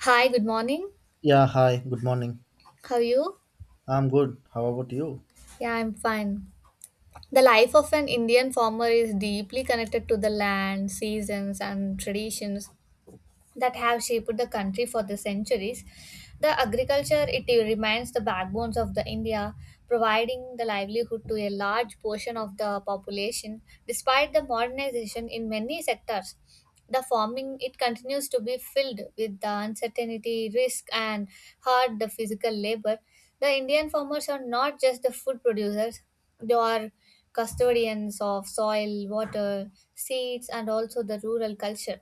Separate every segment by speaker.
Speaker 1: Hi, good morning.
Speaker 2: Yeah, hi, good morning.
Speaker 1: How are you?
Speaker 2: I'm good. How about you?
Speaker 1: Yeah, I'm fine. The life of an Indian farmer is deeply connected to the land, seasons, and traditions that have shaped the country for the centuries. The agriculture it remains the backbones of the India, providing the livelihood to a large portion of the population. Despite the modernization in many sectors, the farming it continues to be filled with the uncertainty, risk, and hard the physical labor. The Indian farmers are not just the food producers; they are custodians of soil, water, seeds, and also the rural culture.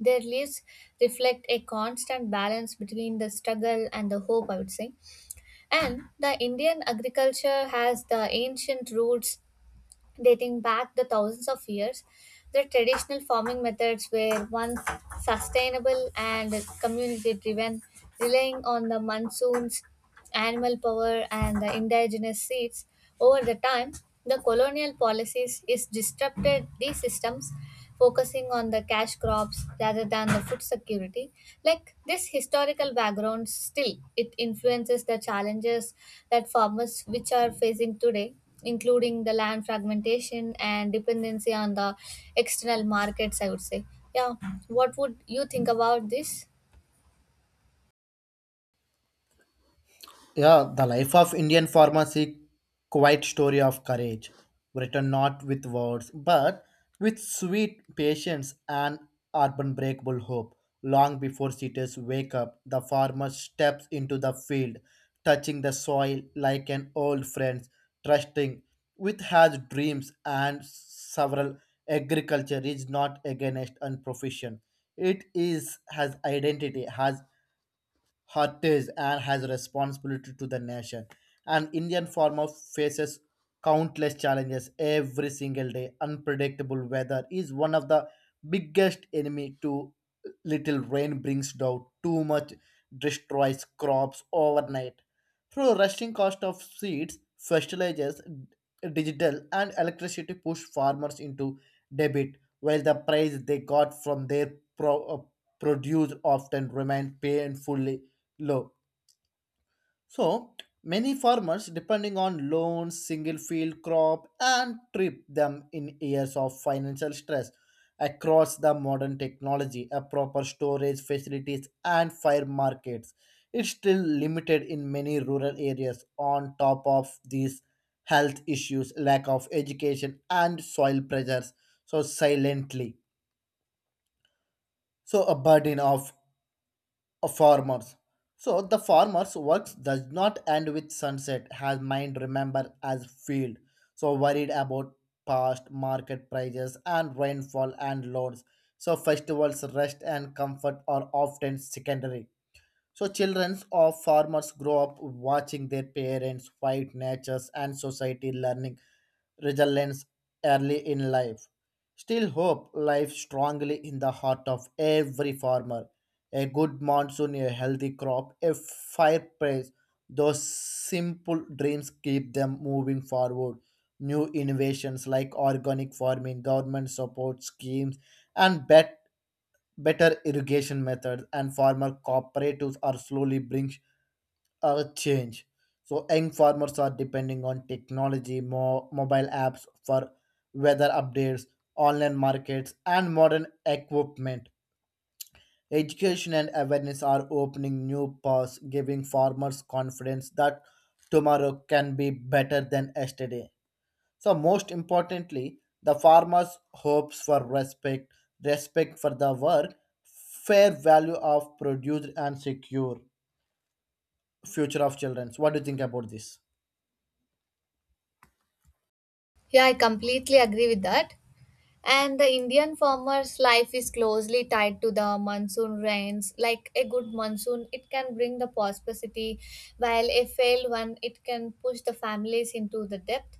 Speaker 1: Their lives reflect a constant balance between the struggle and the hope, I would say. And the Indian agriculture has the ancient roots dating back the thousands of years. The traditional farming methods were once sustainable and community driven, relying on the monsoons, animal power, and the indigenous seeds. Over the time, the colonial policies is disrupted these systems, focusing on the cash crops rather than the food security. Like this historical background, still it influences the challenges that farmers which are facing today, including the land fragmentation and dependency on the external markets, I would say. Yeah, what would you think about this?
Speaker 2: Yeah, the Life of Indian Pharmacy, Quiet Story of Courage, written not with words, but with sweet patience and unbreakable hope. Long before cities wake up, the farmer steps into the field, touching the soil like an old friend, trusting with his dreams and several. Agriculture is not against and profession. It is has identity, has heritage and has a responsibility to the nation. An Indian farmer faces countless challenges every single day. Unpredictable weather is one of the biggest enemy. Too little rain brings down. Too much destroys crops overnight. Through rushing cost of seeds, fertilizers, digital and electricity push farmers into debit, while the price they got from their produce often remain painfully low. So many farmers depending on loans, single field crop, and trip them in years of financial stress. Across the modern technology, a proper storage facilities and fire markets. It's still limited in many rural areas. On top of these health issues, lack of education and soil pressures. So silently. So a burden of farmers. So the farmer's works does not end with sunset, has mind remember as field. So worried about past market prices and rainfall and loads. So festivals, rest and comfort are often secondary. So children of farmers grow up watching their parents fight natures and society learning resilience early in life. Still, hope lies strongly in the heart of every farmer. A good monsoon, a healthy crop, a fireplace. Those simple dreams keep them moving forward. New innovations like organic farming, government support schemes, and better irrigation methods and farmer cooperatives are slowly bring change. So young farmers are depending on technology, mobile apps for weather updates, online markets, and modern equipment. Education and awareness are opening new paths, giving farmers confidence that tomorrow can be better than yesterday. So most importantly, the farmers hopes for respect, respect for the work, fair value of produced and secure future of children. So, what do you think about this?
Speaker 1: Yeah, I completely agree with that. And the Indian farmer's life is closely tied to the monsoon rains. Like a good monsoon, it can bring the prosperity, while a failed one, it can push the families into the depth.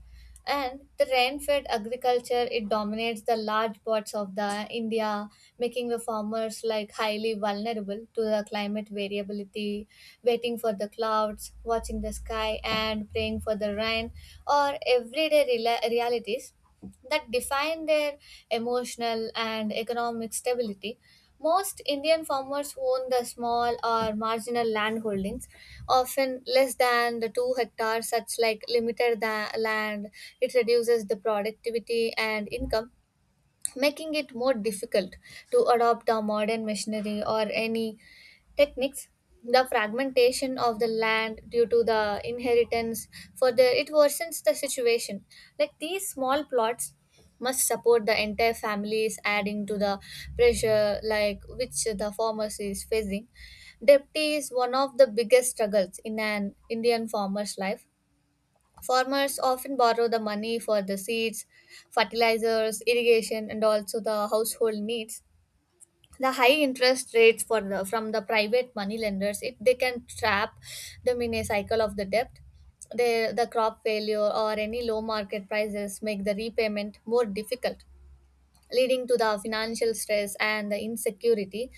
Speaker 1: And the rain-fed agriculture, it dominates the large parts of the India, making the farmers like highly vulnerable to the climate variability, waiting for the clouds, watching the sky, and praying for the rain, or everyday rela realities that define their emotional and economic stability. Most Indian farmers own the small or marginal land holdings, often less than the two hectares, such like limited land. It reduces the productivity and income, making it more difficult to adopt the modern machinery or any techniques. The fragmentation of the land due to the inheritance further it worsens the situation. Like these small plots must support the entire families, adding to the pressure like which the farmers is facing. Debt is one of the biggest struggles in an Indian farmer's life. Farmers often borrow the money for the seeds, fertilizers, irrigation, and also the household needs. The high interest rates for the, from the private money lenders, it, they can trap them in a cycle of the debt. They, the crop failure or any low market prices make the repayment more difficult, leading to the financial stress and the insecurity.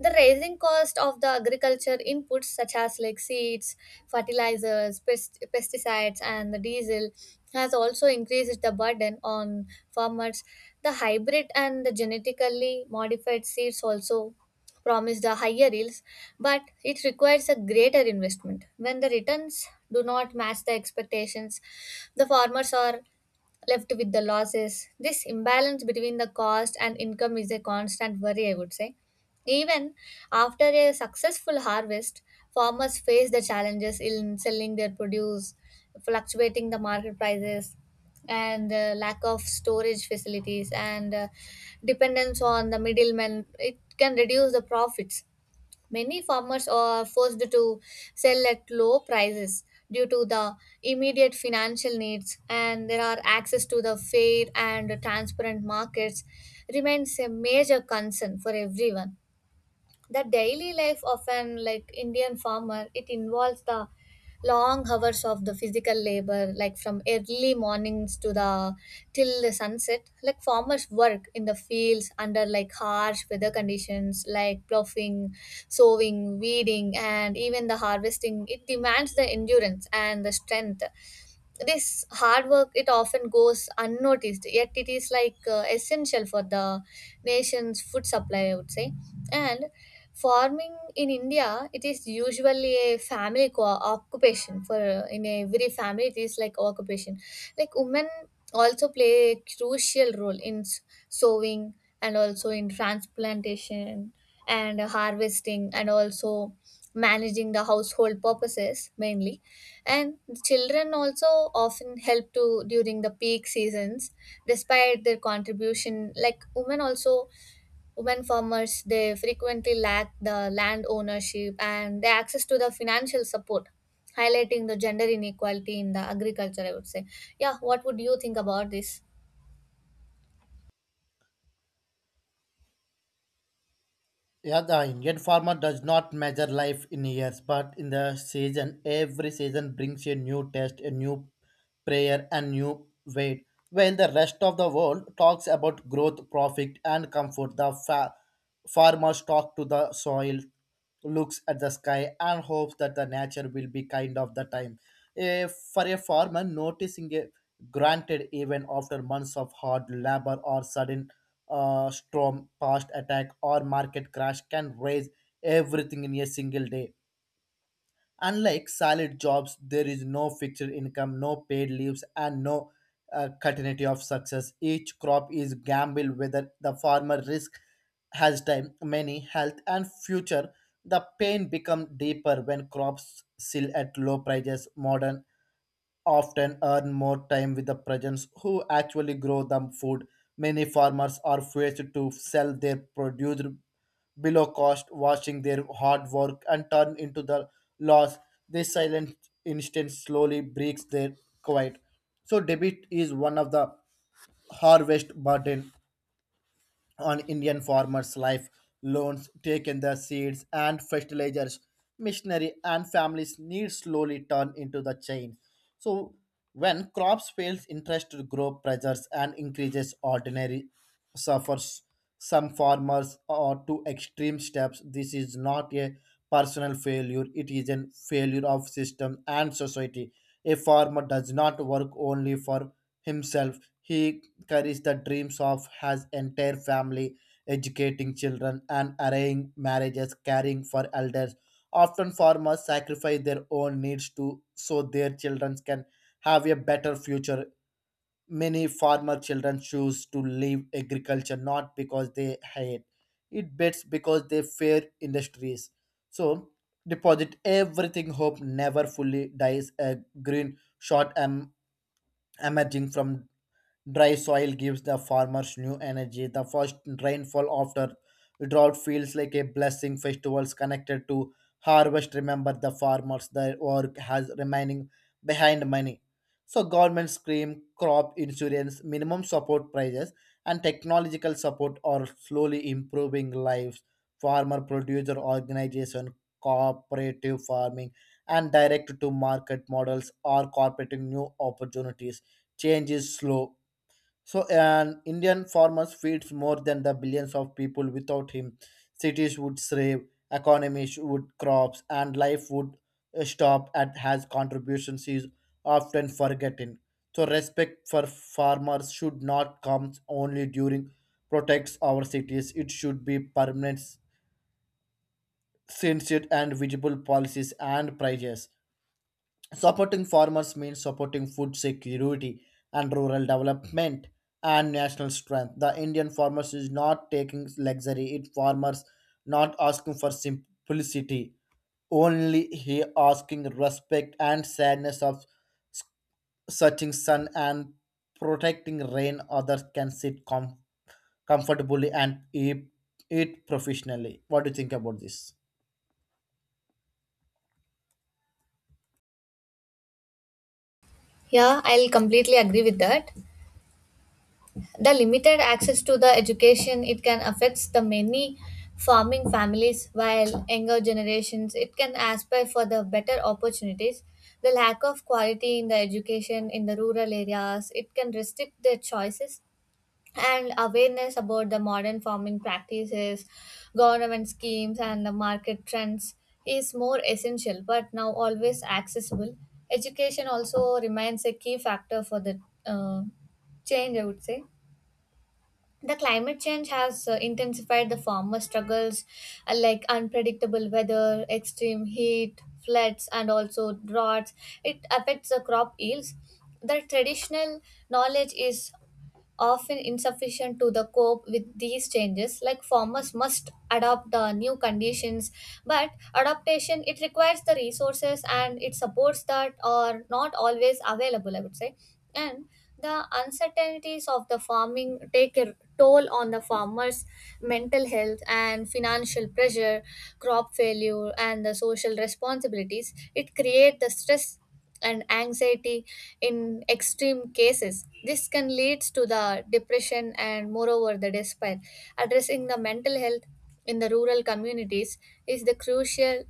Speaker 1: The rising cost of the agriculture inputs such as like seeds, fertilizers, pesticides, and the diesel has also increased the burden on farmers. The hybrid and the genetically modified seeds also promise the higher yields, but it requires a greater investment. When the returns do not match the expectations, the farmers are left with the losses. This imbalance between the cost and income is a constant worry, I would say. Even after a successful harvest, farmers face the challenges in selling their produce, fluctuating the market prices, and lack of storage facilities, and dependence on the middlemen. It can reduce the profits. Many farmers are forced to sell at low prices due to the immediate financial needs, and there are access to the fair and transparent markets remains a major concern for everyone. The daily life of an like Indian farmer it involves the long hours of the physical labor, like from early mornings to the till the sunset. Like farmers work in the fields under like harsh weather conditions, like ploughing, sowing, weeding, and even the harvesting, it demands the endurance and the strength. This hard work it often goes unnoticed, yet it is like essential for the nation's food supply, I would say. And farming in India it is usually a family occupation. For in every family it is like occupation, like women also play a crucial role in sowing, and also in transplantation and harvesting, and also managing the household purposes mainly. And children also often help to during the peak seasons. Despite their contribution, like women also, women farmers they frequently lack the land ownership and the access to the financial support, highlighting the gender inequality in the agriculture, I would say. Yeah, what would you think about this?
Speaker 2: Yeah, the Indian farmer does not measure life in years, but in the season. Every season brings a new test, a new prayer, and new weight. While the rest of the world talks about growth, profit, and comfort, the farmers talk to the soil, looks at the sky and hopes that the nature will be kind of the time. A, for a farmer, noticing a granted even after months of hard labor or sudden storm, past attack or market crash can raise everything in a single day. Unlike solid jobs, there is no fixed income, no paid leaves, and no continuity of success. Each crop is gamble whether the farmer risk has time, money, health, and future. The pain become deeper when crops sell at low prices. Modern often earn more time with the peasants who actually grow the food. Many farmers are forced to sell their produce below cost, watching their hard work and turn into the loss. This silent instant slowly breaks their quiet. So debit is one of the harvest burden on Indian farmers' life, loans taken the seeds and fertilizers, missionary and families needs slowly turn into the chain. So when crops fails, interest to grow pressures and increases ordinary suffers. Some farmers are to extreme steps. This is not a personal failure. It is a failure of system and society. A farmer does not work only for himself. He carries the dreams of his entire family, educating children and arranging marriages, caring for elders. Often farmers sacrifice their own needs to so their children can have a better future. Many farmer children choose to leave agriculture not because they hate it, but because they fear industries. So deposit everything hope never fully dies a green shot emerging from dry soil gives the farmers new energy. The first rainfall after drought feels like a blessing. Festivals connected to harvest remember the farmers. Their work has remaining behind money. So government scheme, crop insurance, minimum support prices, and technological support are slowly improving lives. Farmer producer organization, cooperative farming, and direct to market models are corporating new opportunities. Change is slow so an Indian farmers feeds more than the billions of people. Without him, cities would slave, economies would crops, and life would stop. At has contributions is often forgotten. So respect for farmers should not come only during protects our cities. It should be permanent, sincere, and visible policies and prices. Supporting farmers means supporting food security and rural development and national strength. The Indian farmers is not taking luxury. It farmers not asking for simplicity. Only he asking respect and sadness of s- searching sun and protecting rain. Others can sit comfortably and eat, eat professionally. What do you think about this?
Speaker 1: Yeah, I'll completely agree with that. The limited access to the education it can affect the many farming families, while younger generations it can aspire for the better opportunities. The lack of quality in the education in the rural areas it can restrict their choices, and awareness about the modern farming practices, government schemes, and the market trends is more essential but now always accessible. Education also remains a key factor for the uh, change, I would say. The climate change has intensified the farmer struggles, like unpredictable weather, extreme heat, floods, and also droughts, it affects the crop yields. The traditional knowledge is often insufficient to the cope with these changes. Like farmers must adopt the new conditions, but adaptation it requires the resources and it supports that are not always available, I would say. And the uncertainties of the farming take a toll on the farmers mental health and financial pressure. Crop failure and the social responsibilities it create the stress and anxiety. In extreme cases this can lead to the depression and moreover the despair. Addressing the mental health in the rural communities is the crucial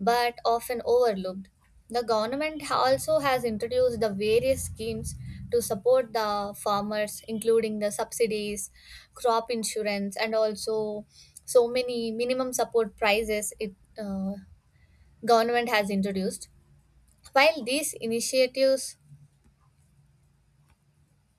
Speaker 1: but often overlooked. The government also has introduced the various schemes to support the farmers, including the subsidies, crop insurance, and also so many minimum support prices. It uh, government has introduced. While these initiatives